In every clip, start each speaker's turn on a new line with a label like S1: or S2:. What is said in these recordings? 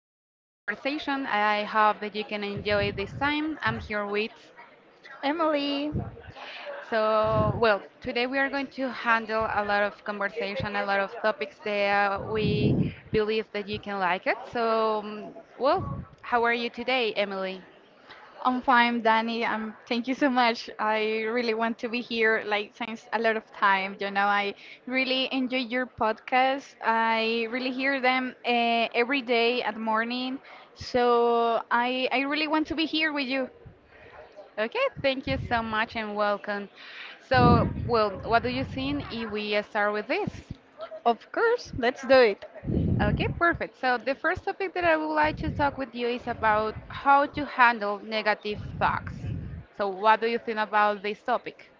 S1: to this conversation. I hope that you can enjoy this time. I'm here with.
S2: Emily,
S1: So, well, today we are going to handle a lot of conversation, a lot of topics that we believe that you can like it. So, well, how are you today, Emily?
S2: I'm fine, Danny. Thank you so much. I really want to be here like since a lot of time. You know, I really enjoy your podcast. I really hear them every day at morning. So I really want to be here with you.
S1: Okay, thank you so much and welcome. So, well, what do you think if we start with this?
S2: Of course, let's do it.
S1: Okay, perfect. So the first topic that I would like to talk with you is about how to handle negative thoughts. So what do you think about this topic?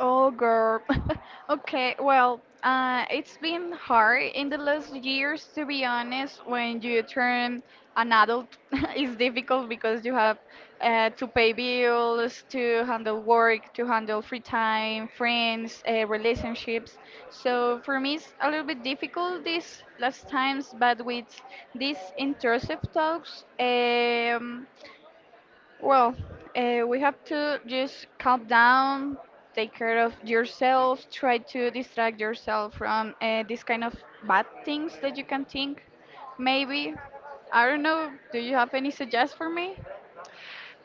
S2: Oh, girl. Okay, well, it's been hard in the last years, to be honest. When you turn an adult, it's difficult because you have to pay bills, to handle work, to handle free time, friends, relationships. So for me, it's a little bit difficult these last times, but with these intrusive talks, well, we have to just calm down, take care of yourself, try to distract yourself from these kind of bad things that you can think. Maybe, I don't know, do you have any suggest for me?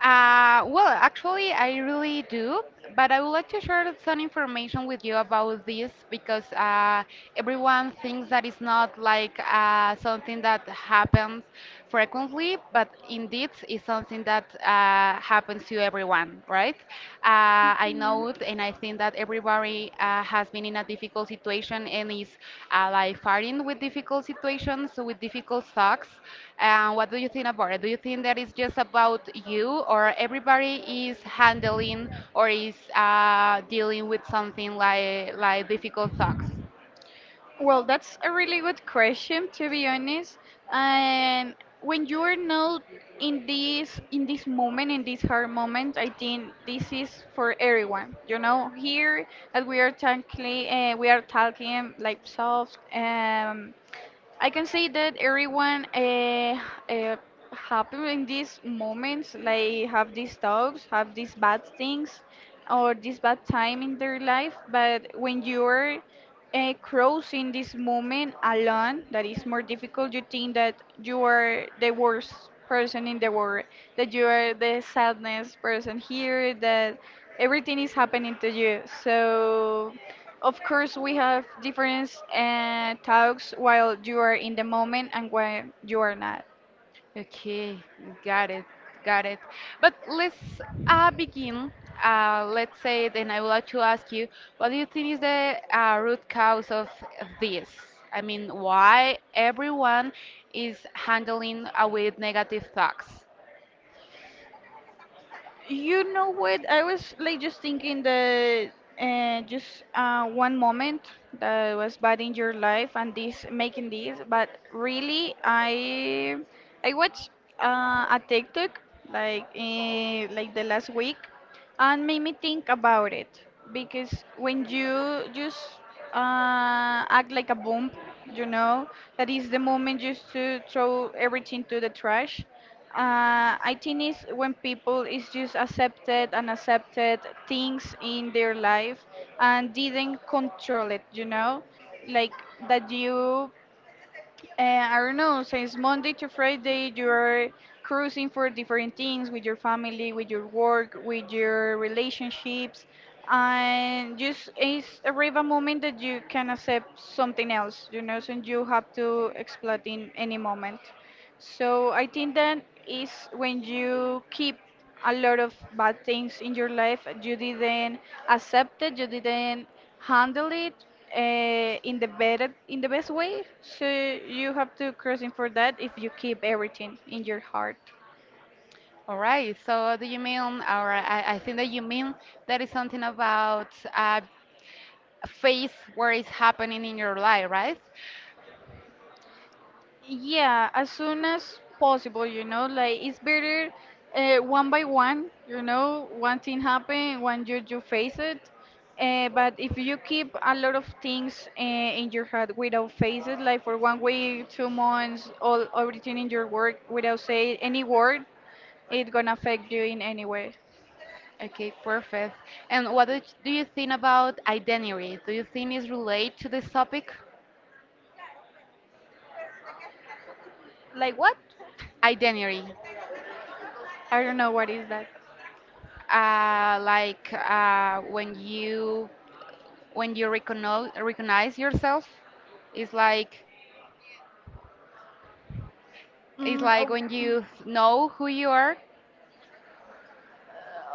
S1: Well, actually, I really do, but I would like to share some information with you about this because everyone thinks that it's not like something that happens frequently, but indeed it's something that happens to everyone, right? I know out, and I think that everybody has been in a difficult situation and is like fighting with difficult situations, so with difficult thoughts. What do you think about it? Do you think that it's just about you, or everybody is handling or is dealing with something like difficult thoughts?
S2: Well, that's a really good question, to be honest. And when you are not in this moment, in this hard moment, I think this is for everyone. You know, here as we are talking like soft. I can say that everyone uh, happen in these moments, like have these talks, have these bad things, or this bad time in their life. But when you're crossing this moment alone, that is more difficult. You think that you are the worst person in the world, that you are the sadness person here, that everything is happening to you. So of course, we have different talks while you are in the moment and when you are not.
S1: Okay, got it, got it. But let's begin. Let's say then I would like to ask you, what do you think is the root cause of this? I mean, why everyone is handling with negative thoughts?
S2: You know what? I was like just thinking that just one moment that was bad in your life and this making this, but really I watched a TikTok like the last week and made me think about it because when you just act like a bomb, you know, that is the moment just to throw everything to the trash. I think it's when people is just accepted and accepted things in their life and didn't control it, you know, like that you I don't know, since Monday to Friday, you're cruising for different things with your family, with your work, with your relationships, and just it's arrive a moment that you can accept something else, you know, so you have to explode in any moment. So I think that is when you keep a lot of bad things in your life you didn't accept it you didn't handle it in the better in the best way so you have to crossing for that if you keep everything in your heart.
S1: All right, so do you mean, or I think that you mean that is something about uh, phase where it's happening in your life, right?
S2: Yeah, as soon as possible, you know, like it's better one by one, you know, one thing happen, one you face it. But if you keep a lot of things in your head without face it, like for 1 week, 2 months, all everything in your work without say any word, it gonna affect you in any way.
S1: Okay, perfect. And what do you think about identity? Do you think it's related to this topic?
S2: Like what?
S1: Identity,
S2: I don't know what is that.
S1: like when you when you recognize yourself. it's like it's
S2: Mm,
S1: like
S2: oh.
S1: when you know who you are.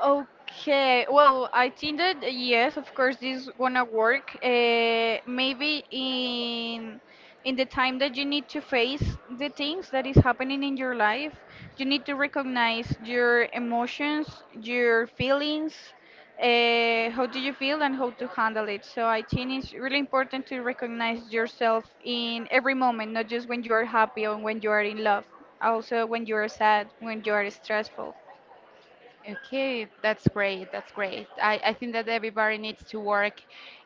S2: Okay, well, I think that yes, of course, this gonna work. Maybe in the time that you need to face the things that is happening in your life, you need to recognize your emotions, your feelings, how do you feel and how to handle it. So I think it's really important to recognize yourself in every moment, not just when you are happy or when you are in love, also when you are sad, when you are stressful.
S1: Okay, that's great. That's great. I think that everybody needs to work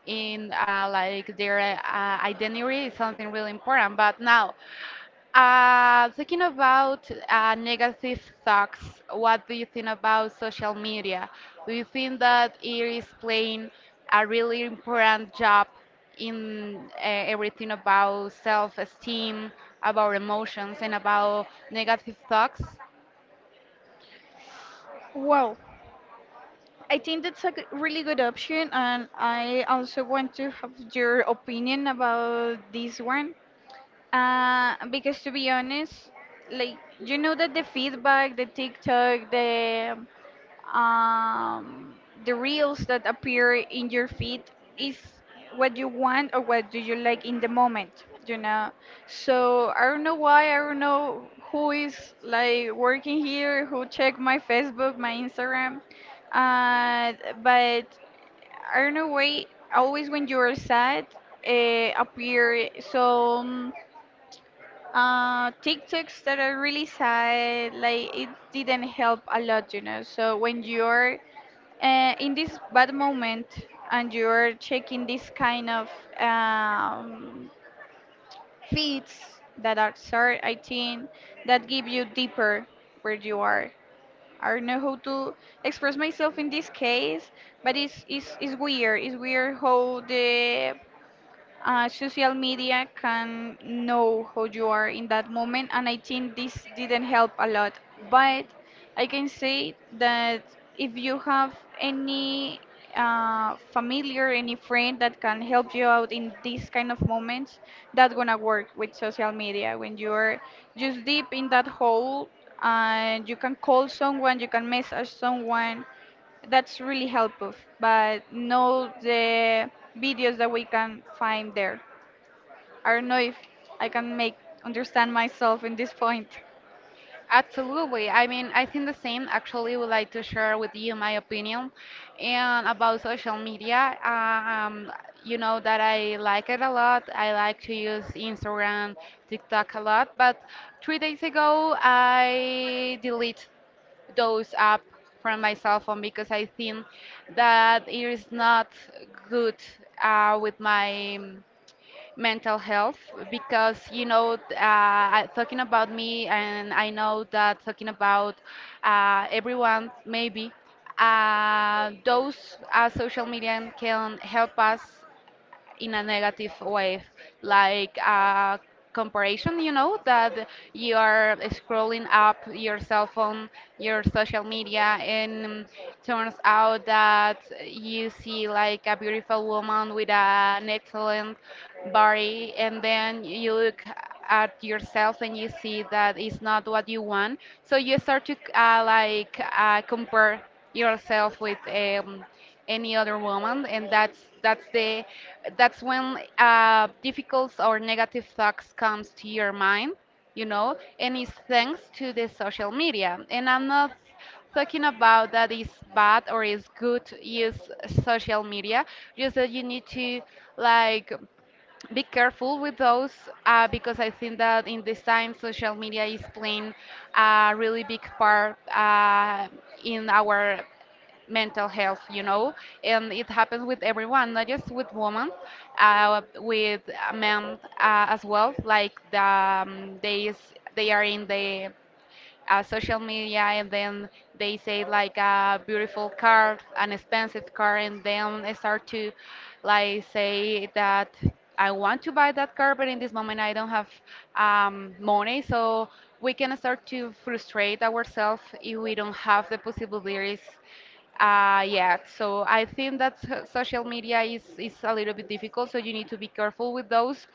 S1: in like their identity is something really important. But now, thinking about negative thoughts, what do you think about social media? Do you think that it is playing a really important job in everything about self-esteem, about emotions, and about negative thoughts?
S2: Wow. I think that's a really good option, and I also want to have your opinion about this one. Because to be honest, like you know that the feedback, the TikTok, um, the reels that appear in your feed is what you want or what do you like in the moment, you know. So I don't know why, I don't know who is like working here, who check my Facebook, my Instagram, uh, but I don't know why always when you're sad appear some TikToks that are really sad, like it didn't help a lot, you know. So when you're in this bad moment and you're checking this kind of um, feeds that are sorry, I think that give you deeper where you are. I don't know how to express myself in this case, but it's weird. It's weird how the social media can know how you are in that moment and I think this didn't help a lot, but I can say that if you have any familiar, any friend that can help you out in these kind of moments, that's gonna work with social media. When you're just deep in that hole and you can call someone, you can message someone, that's really helpful, but no, the videos that we can find there. I don't know if I can make understand myself in this point.
S1: Absolutely. I mean, I think the same. Actually, would like to share with you my opinion and about social media. You know that I like it a lot. I like to use Instagram, TikTok a lot. But 3 days ago, I delete those app from my cell phone because I think that it is not good with my mental health, because you know talking about me, and I know that talking about everyone, maybe those social media can help us in a negative way, like a comparison, you know, that you are scrolling up your cell phone, your social media, and turns out that you see like a beautiful woman with an excellent body, and then you look at yourself and you see that it's not what you want. So you start to like compare yourself with any other woman, and that's when difficult or negative thoughts comes to your mind, you know, and it's thanks to the social media. And I'm not talking about that is bad or is good use social media, just that you need to like be careful with those, because I think that in this time social media is playing a really big part in our mental health, you know, and it happens with everyone, not just with women, with men as well. Like the, they are in the social media, and then they say like a beautiful car, an expensive car, and then I start to like say that I want to buy that car, but in this moment I don't have money. So we can start to frustrate ourselves if we don't have the possibilities yet. So I think that social media is a little bit difficult, so you need to be careful with those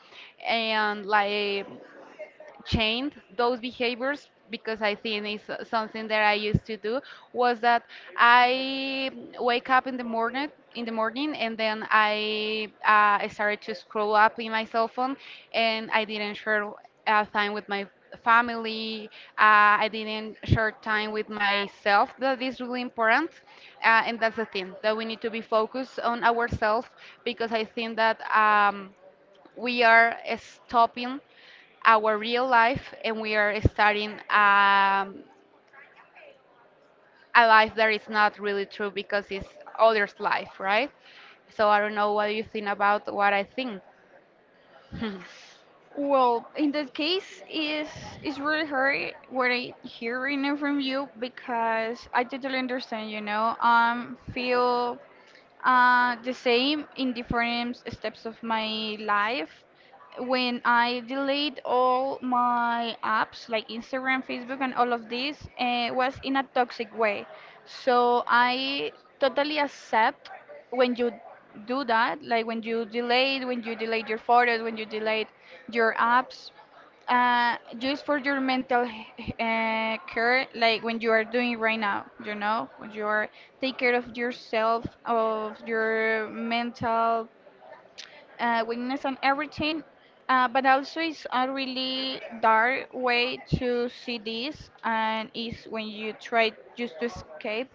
S1: and like changed those behaviors, because I think it's something that I used to do was that I wake up in the morning, and then I started to scroll up in my cell phone, and I didn't share time with my family. I didn't share time with myself, that is really important. And that's the thing that we need to be focused on ourselves, because I think that we are stopping our real life, and we are starting a life that is not really true, because it's others' life, right? So I don't know what you think about what I think.
S2: Well, in that case, is it's really hard what I hearing it from you because I totally understand. You know, feel the same in different steps of my life. When I delete all my apps like Instagram, Facebook, and all of this, was in a toxic way. So I totally accept when you do that, like when you delete your photos, when you delete your apps just for your mental care, like when you are doing right now, you know, when you are take care of yourself, of your mental weakness and everything. But also, it's a really dark way to see this, and is when you try just to escape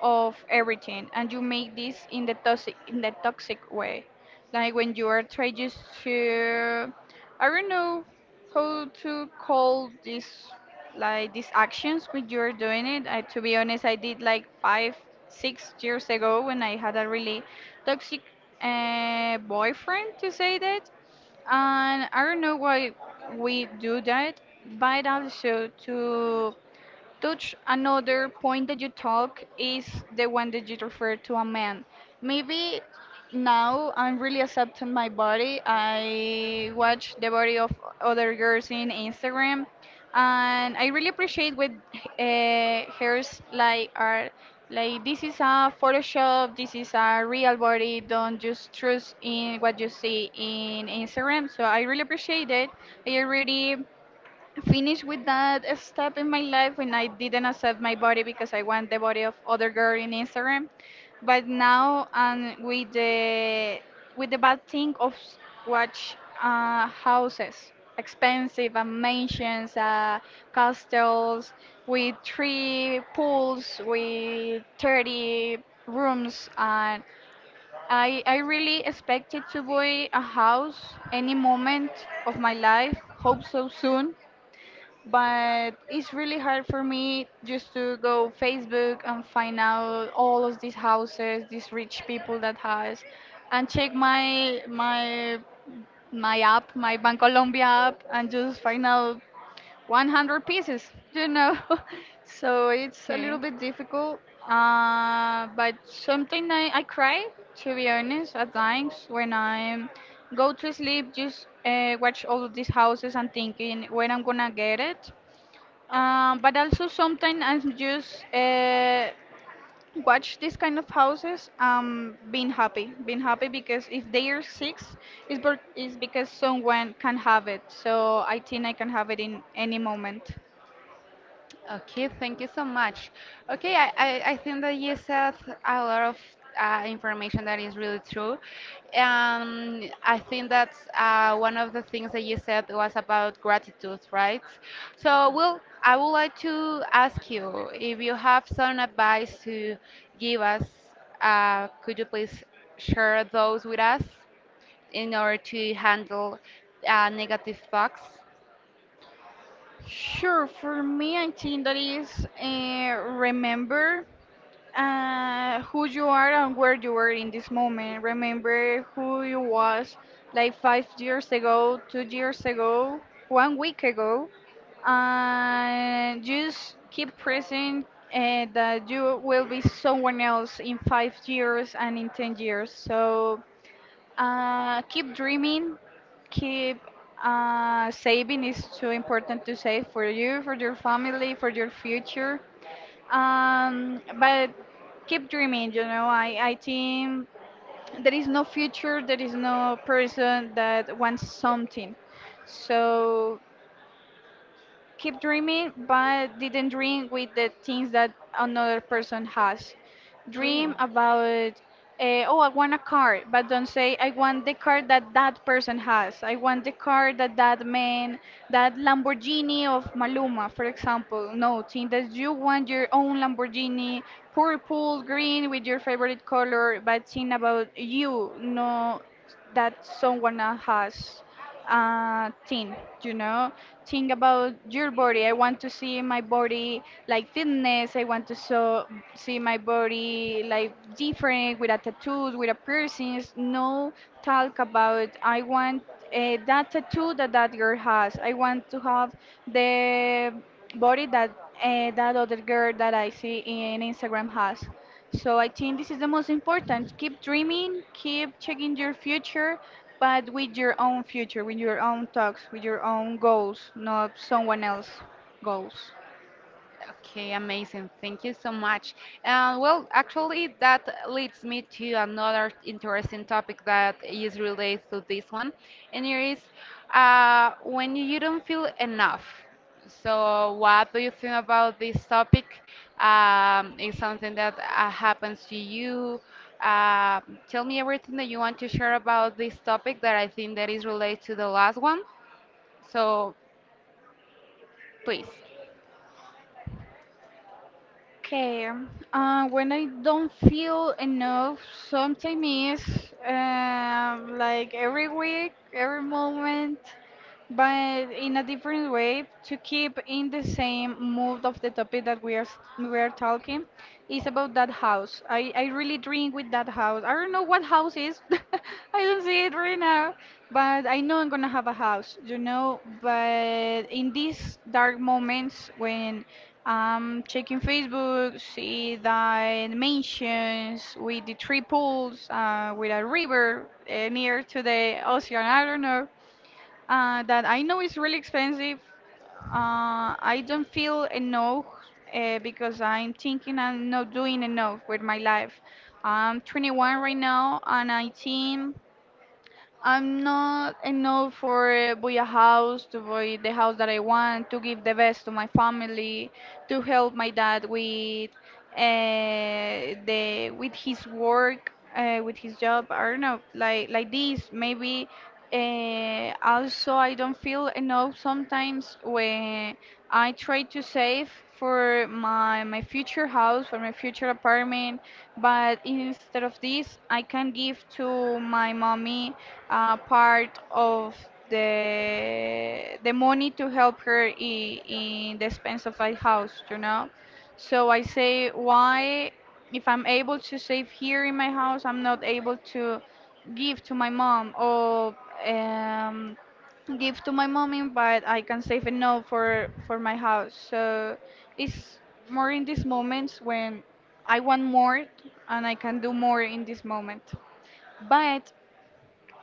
S2: of everything and you make this in the toxic way, like when you are trying just to, I don't know how to call this, like these actions when you're doing it. I, to be honest, I did like 5 6 years ago when I had a really toxic boyfriend to say that, and I don't know why we do that. But also to touch another point that you talk is the one that you refer to a man. Maybe now I'm really accepting my body. I watch the body of other girls in Instagram, and I really appreciate what hers like are like, this is a Photoshop, this is a real body. Don't just trust in what you see in Instagram. So I really appreciate it. I already
S1: Please
S2: finish with
S1: remember
S2: that
S1: that
S2: step in my
S1: we don't
S2: life when I
S1: have
S2: didn't accept my body because I
S1: the
S2: want the body
S1: money
S2: of
S1: for
S2: other
S1: the
S2: girl
S1: current
S2: in
S1: system,
S2: Instagram.
S1: but
S2: But
S1: now
S2: now and
S1: we
S2: with
S1: we
S2: the with
S1: have
S2: the
S1: to buy
S2: bad thing
S1: cheap
S2: of
S1: houses,
S2: watch houses,
S1: expensive
S2: expensive
S1: and
S2: and
S1: maintain,
S2: mansions,
S1: cost no
S2: castles
S1: three,
S2: with
S1: three,
S2: three pools
S1: 30, nine,
S2: with 30 rooms and I really expected
S1: nine.
S2: to buy a house any moment of my life, hope so soon, but it's really hard for me just to go Facebook and find out all of these houses, these rich people that has, and check my app, my Bancolombia app, and just find out 100 pieces, you know. So it's a
S1: Okay.
S2: little bit difficult, but something I cry, to be honest at times when I go to sleep, just watch all of these houses and thinking when I'm gonna get it, but also sometimes I'm just watch this kind of houses being happy because if they are six, it's because someone can have it. So I think I can have it in any moment.
S1: Okay, thank you so much. Okay, I think that you said a lot of information that is really true. I think that one of the things that you said was about gratitude, right? So, well, I would like to ask you if you have some advice to give us. Could you please share those with us in order to handle negative thoughts?
S2: Sure, for me, I think that is remember who you are and where you were in this moment. Remember who you was like 5 years ago, 2 years ago, 1 week ago, and just keep present that you will be someone else in 5 years and in 10 years. So keep dreaming, keep saving is too important to save for you, for your family, for your future. But keep dreaming, you know. I think there is no future, there is no person that wants something. So keep dreaming, but didn't dream with the things that another person has. Dream
S1: Okay.
S2: about, oh, I want a car, but don't say, I want the car that that person has. I want the car that that man, that Lamborghini of Maluma, for example. No, think that you want your own Lamborghini, purple, green, with your favorite color, but think about you, no, that someone else has thing, you know. Think about your body. I want to see my body like fitness. I want to see my body like different with a tattoos, with a piercings. No talk about I want that tattoo that that girl has. I want to have the body that that other girl that I see in Instagram has. So I think this is the most important. Keep dreaming, keep checking your future, but with your own future, with your own talks, with your own goals, not someone else's goals.
S1: Okay, amazing. Thank you so much. Well, actually, that leads me to another interesting topic that is related to this one, and it is when you don't feel enough. So, what do you think about this topic? Is something that happens to you? Uh, tell me everything that you want to share about this topic, that I think that is related to the last one. So, please.
S2: Okay. When I don't feel enough, sometimes is like every week, every moment. But in a different way to keep in the same mood of the topic that we are talking is about that house. I really drink with that house. I don't know what house is. I don't see it right now, but I know I'm gonna have a house. But in these dark moments when I'm checking Facebook, see the mansions with the triples, with a river, near to the ocean, I don't know, that I know is really expensive. Uh, I don't feel enough, because I'm thinking I'm not doing enough with my life. I'm 21 right now and I think I'm not enough for buy a house, to buy the house that I want, to give the best to my family, to help my dad with the with his work, with his job. I don't know, like this. Maybe also I don't feel enough sometimes when I try to save for my future house, for my future apartment, but instead of this, I can give to my mommy part of the money to help her in the expense of a house. So I say, why, if I'm able to save here in my house, I'm not able to give to my mom, or um, give to my mommy, but I can save enough for my house. So it's more in these moments when I want more and I can do more in this moment. But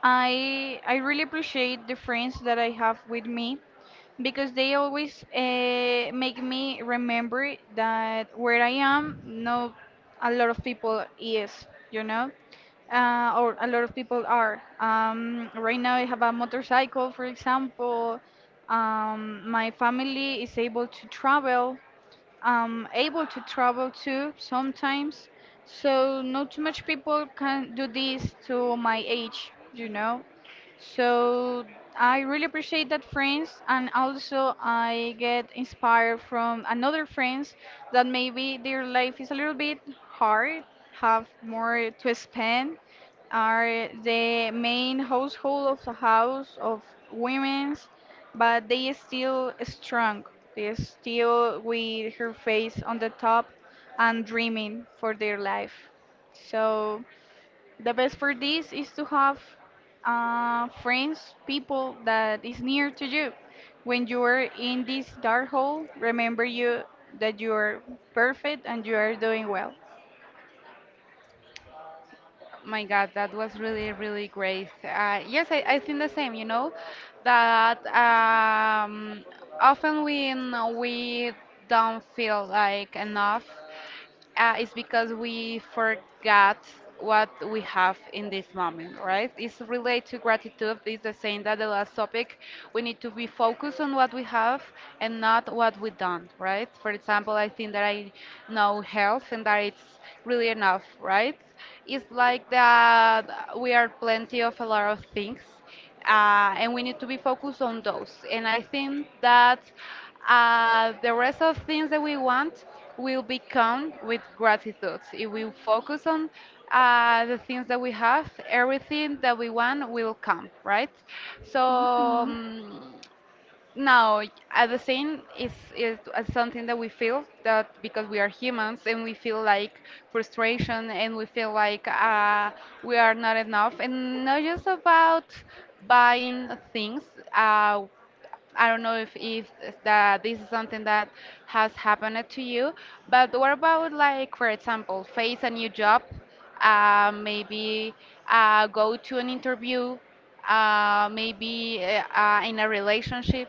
S2: I really appreciate the friends that I have with me because they always make me remember that where I am, not a lot of people is, or a lot of people are. Right now I have a motorcycle, for example. My family is able to travel. Able to travel too sometimes. So not too much people can do this to my age. So I really appreciate that friends, and also I get inspired from another friends that maybe their life is a little bit hard, have more to spend, are the main household of a house of women's, but they is still strong. They is still with her face on the top and dreaming for their life. So the best for this is to have friends, people that is near to you. When you are in this dark hole, remember you that you are perfect and you are doing well.
S1: My God, that was really, really great. Yes, I think the same, you know, that often when we don't feel like enough, it's because we forgot what we have in this moment, right? It's related to gratitude. It's the same that the last topic. We need to be focused on what we have, and not what we don't, right? For example, I think that I know health, and that it's really enough, right? It's like that we are plenty of a lot of things, and we need to be focused on those. And I think that the rest of things that we want will become with gratitude. If we focus on the things that we have, everything that we want will come, right? So,
S2: Hmm.
S1: no, at the same is as something that we feel that, because we are humans and we feel like frustration, and we feel like we are not enough, and not just about buying things. Uh, I don't know if that this is something that has happened to you, but what about, like for example, face a new job, maybe go to an interview, maybe in a relationship.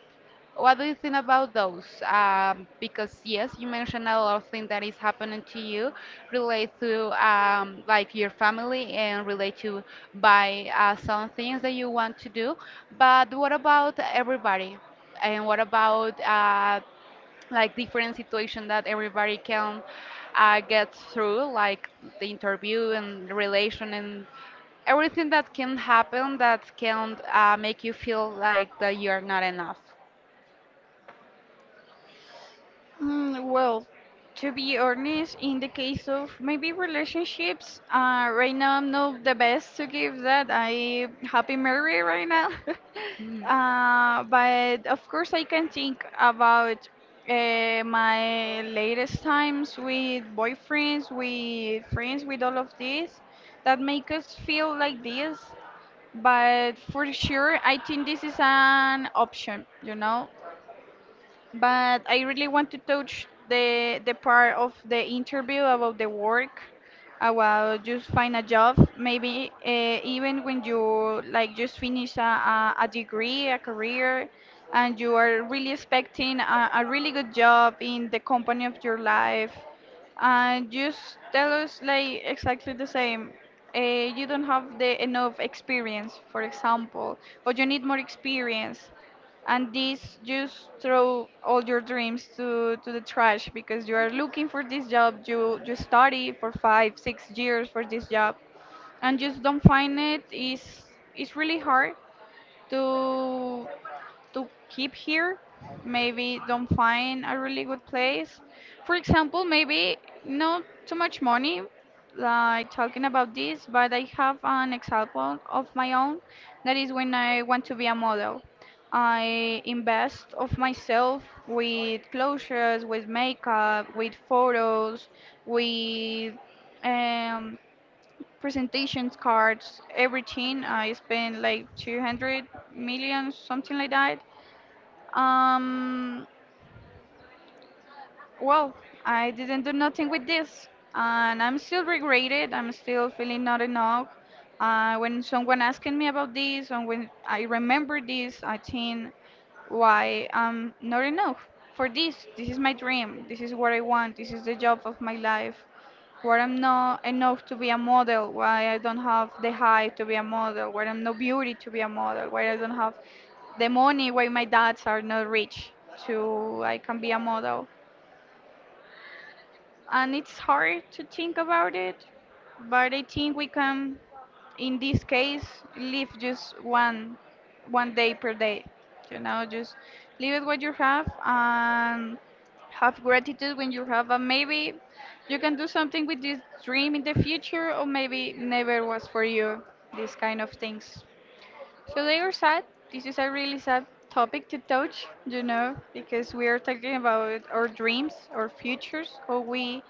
S1: What do you think about those? Because yes, you mentioned a lot of things that is happening to you, relate to like your family, and relate to by some things that you want to do. But what about everybody? And what about like different situation that everybody can get through, like the interview and the relation, and everything that can happen, that can make you feel like that you're not enough.
S2: Mm, well, to be honest, in the case of maybe relationships, right now I'm not the best to give that. I happy married right now.
S1: Hmm.
S2: But of course I can think about my latest times with boyfriends, with friends, with all of this that make us feel like this. But for sure, I think this is an option, but I really want to touch the part of the interview about the work, about just find a job. Maybe even when you like just finish a degree, a career, and you are really expecting a really good job in the company of your life, and just tell us like exactly the same. Uh, you don't have the enough experience, for example, or you need more experience, and this just throw all your dreams to the trash, because you are looking for this job. You study for 5 6 years for this job and just don't find it. Is It's really hard to to keep here. Maybe don't find a really good place. For example, maybe not too much money, like talking about this, but I have an example of my own. That is when I want to be a model. I invest of myself with clothes, with makeup, with photos, with um, presentations cards, everything. I spend like 200 million, something like that. um, well, I didn't do nothing with this, and I'm still regretted. I'm still feeling not enough. When someone asking me about this, and when I remember this, I think, why I'm not enough for this. This is my dream. This is what I want. This is the job of my life, where I'm not enough to be a model, why I don't have the height to be a model, where I'm not beauty to be a model, where I don't have the money, why my dads are not rich to I can be a model. And it's hard to think about it, but I think we can in this case live just one day per day, you know, just live it what you have and have gratitude when you have, and maybe you can do something with this dream in the future, or maybe never was for you, these kind of things. So they are sad. This is a really sad topic to touch, you know, because we are talking about our dreams, our futures, how we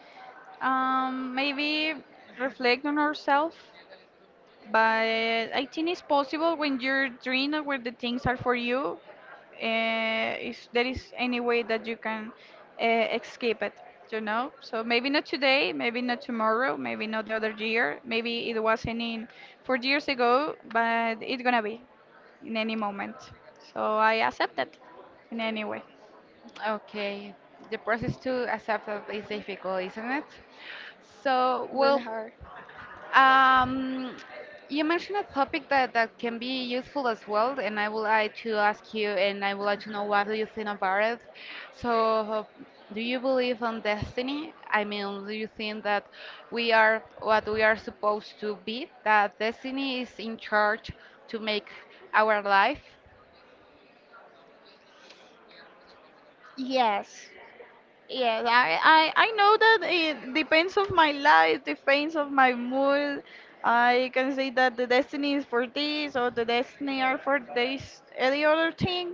S2: maybe reflect on ourselves. But I think it's possible when you're dreaming or where the things are for you, if there is any way that you can escape it, you know? So maybe not today, maybe not tomorrow, maybe not the other year, maybe it wasn't in 4 years ago, but it's gonna be in any moment. So I accept that in any way.
S1: Okay, the process to accept that is difficult, isn't it? So, well, Um, you mentioned a topic that can be useful as well, and I would like to ask you, and I would like to know what do you think about it. So, do you believe on destiny? I mean, do you think that we are what we are supposed to be? That destiny is in charge to make our life?
S2: Yes. Yes, I know that it depends of my life, depends of my mood. I can say that the destiny is for this or the destiny are for this any other thing.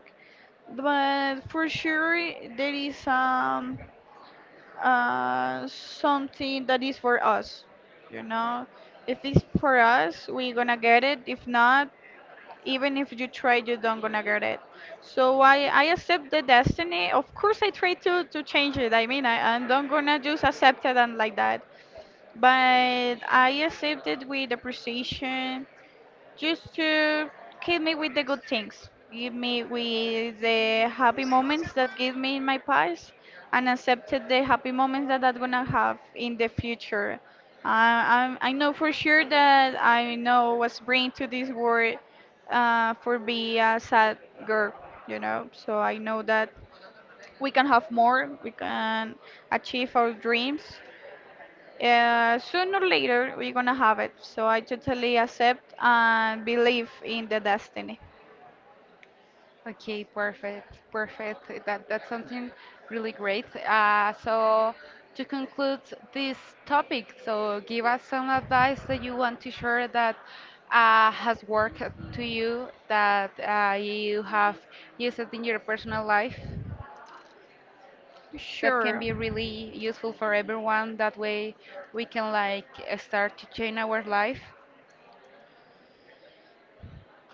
S2: But for sure there is something that is for us, you know. If it's for us, we're gonna get it. If not, even if you try, you don't gonna get it. So I accept the destiny. Of course I try to change it. I mean, I don't gonna just accept it and like that, but I accept it with appreciation, just to keep me with the good things, give me with the happy moments that give me in my past, and accepted the happy moments that I'm gonna have in the future. I know for sure that I know was bring to this world for be a sad girl, you know. So I know that we can have more, we can achieve our dreams, sooner or later, we're gonna have it. So I totally accept and believe in the destiny.
S1: Okay, perfect, perfect. That's something really great. So to conclude this topic, so give us some advice that you want to share, that has worked to you, that you have used it in your personal life. That can
S2: Sure.
S1: be really useful for everyone. That way, we can like start to change our life.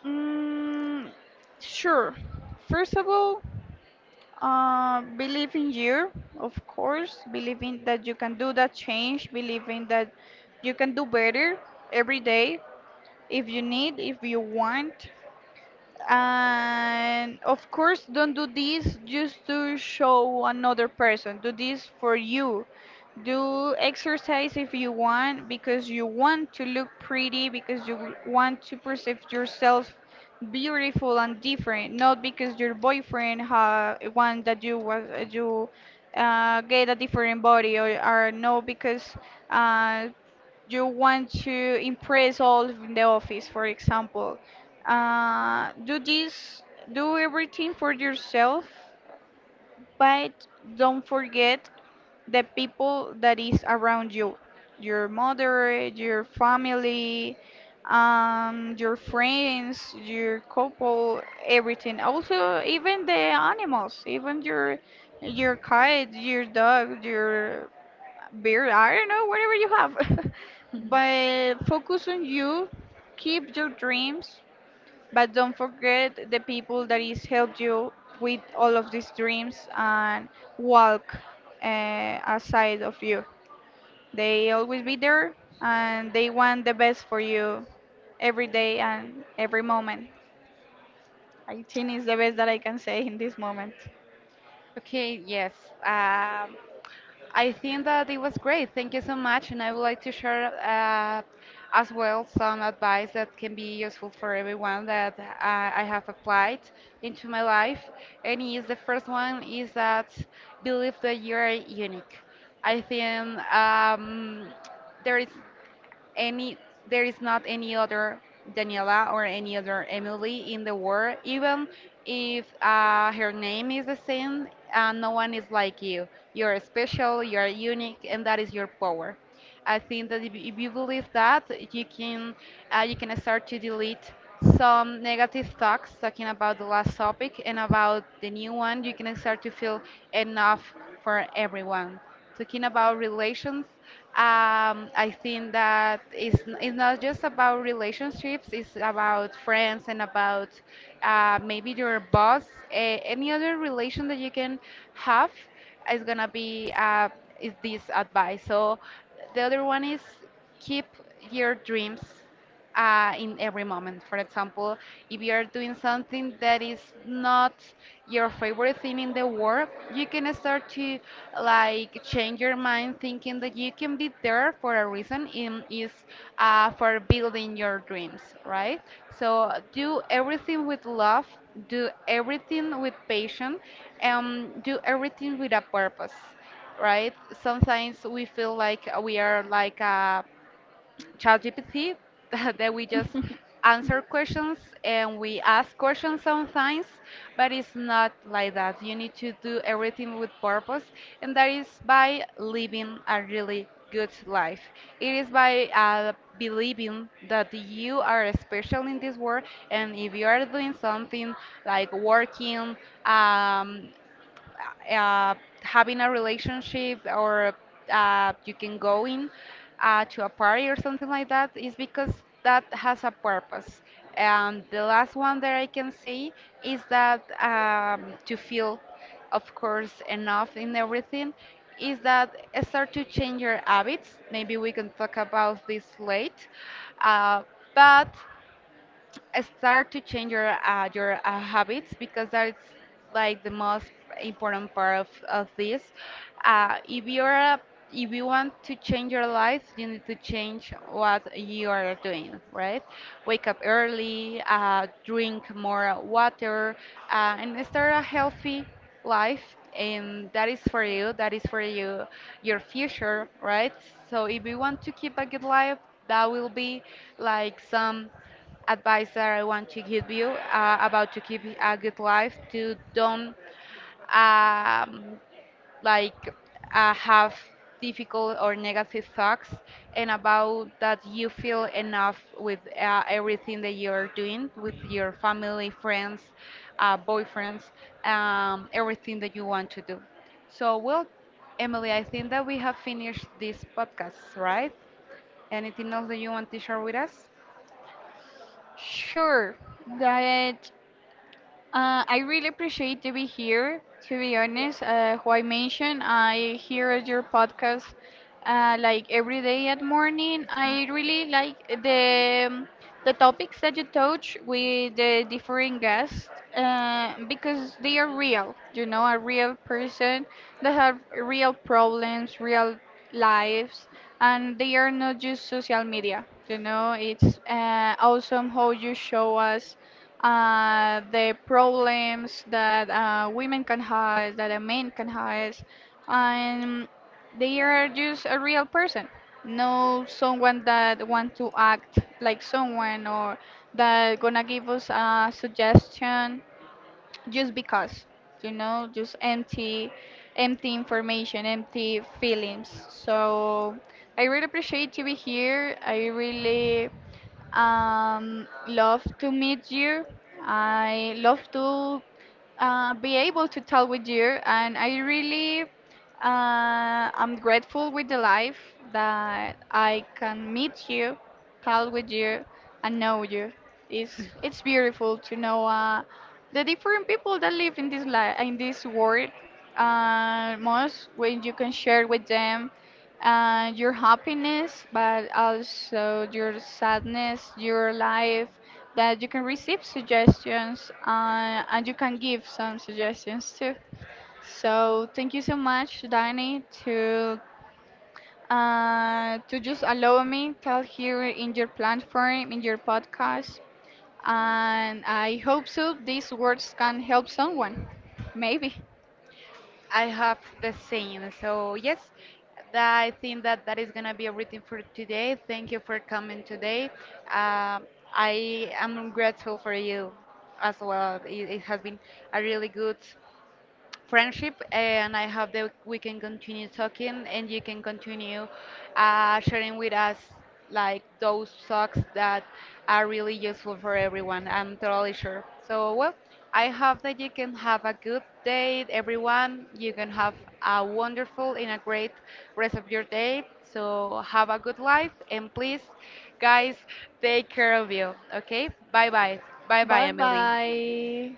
S2: Mm, sure. First of all, believe in you, of course. Believing that you can do that change. Believing that you can do better every day if you need, if you want. And of course, don't do this just to show another person. Do this for you. Do exercise if you want because you want to look pretty, because you want to perceive yourself beautiful and different, not because your boyfriend ha one that you was you get a different body, or no because uh, you want to impress all in the office, for example. Do this, do everything for yourself, but don't forget the people that is around you, your mother, your family, your friends, your couple, everything. Also, even the animals, even your cat, your dog, your beer, I don't know, whatever you have. But focus on you, keep your dreams, but don't forget the people that is helped you with all of these dreams and walk aside of you. They always be there and they want the best for you every day and every moment. I think it's the best that I can say in this moment.
S1: Okay, yes. Um, I think that it was great. Thank you so much. And I would like to share, as well, some advice that can be useful for everyone, that I have applied into my life. And is the first one is that believe that you are unique. I think there is any there is not any other Daniela or any other Emily in the world. Even if her name is the same, no one is like you. You're special, you're unique, and that is your power. I think that if you believe that, you can you can start to delete some negative thoughts talking about the last topic and about the new one. You can start to feel enough for everyone. Talking about relations, I think that it's not just about relationships, it's about friends and about maybe your boss, any other relation that you can have is gonna be is this advice. So the other one is keep your dreams in every moment. For example, if you are doing something that is not your favorite thing in the world, you can start to like change your mind, thinking that you can be there for a reason. In is For building your dreams, right? So do everything with love, do everything with passion, and do everything with a purpose, right? Sometimes we feel like we are like a ChatGPT that we just answer questions and we ask questions sometimes, but it's not like that. You need to do everything with purpose, and that is by living a really good life. It is by believing that you are special in this world, and if you are doing something like working, um, uh, uh, having a relationship or you can go in to a party or something like that is because that has a purpose. And the last one that I can say is that to feel, of course, enough in everything is that start to change your habits. Maybe we can talk about this late. Uh, but start to change your habits, because that's like the most important part of this. If if you want to change your life, you need to change what you are doing, right? Wake up early, drink more water, and start a healthy life, and that is for you, your future, right? So if you want to keep a good life, that will be like some advice that I want to give you about to keep a good life, to don't um, like have difficult or negative thoughts, and about that you feel enough with everything that you're doing, with your family, friends, boyfriends, everything that you want to do. So, well, Emily, I think that we have finished this podcast, right? Anything else that you want to share with us?
S2: Sure, that I really appreciate to be here. To be honest, who I mentioned, I hear your podcast like every day at morning. I really like the topics that you touch with the different guests, because they are real. You know, a real person that have real problems, real lives, and they are not just social media. You know, it's awesome how you show us the problems that women can have, that a man can have, and they are just a real person, no someone that want to act like someone or that gonna give us a suggestion just because, you know, just empty, empty information, empty feelings. So I really appreciate to be here. I really love to meet you. I love to be able to talk with you, and I really I'm grateful with the life that I can meet you, talk with you, and know you. It's beautiful to know the different people that live in this li in this world. Most when you can share with them your happiness, but also your sadness, your life, that you can receive suggestions, and you can give some suggestions too. So thank you so much, Danny, to just allow me tell here in your platform, in your podcast, and I hope so these words can help someone. Maybe.
S1: I have the same. So yes, I think that is gonna be everything for today. Thank you for coming today. Um I am grateful for you as well. It has been a really good friendship, and I hope that we can continue talking and you can continue sharing with us like those socks that are really useful for everyone. I'm totally sure. So, well, I hope that you can have a good day, everyone. You can have a wonderful and a great rest of your day. So, have a good life, and please, guys, take care of you. Okay? Bye bye. Bye bye,
S2: Bye
S1: Emily.
S2: bye.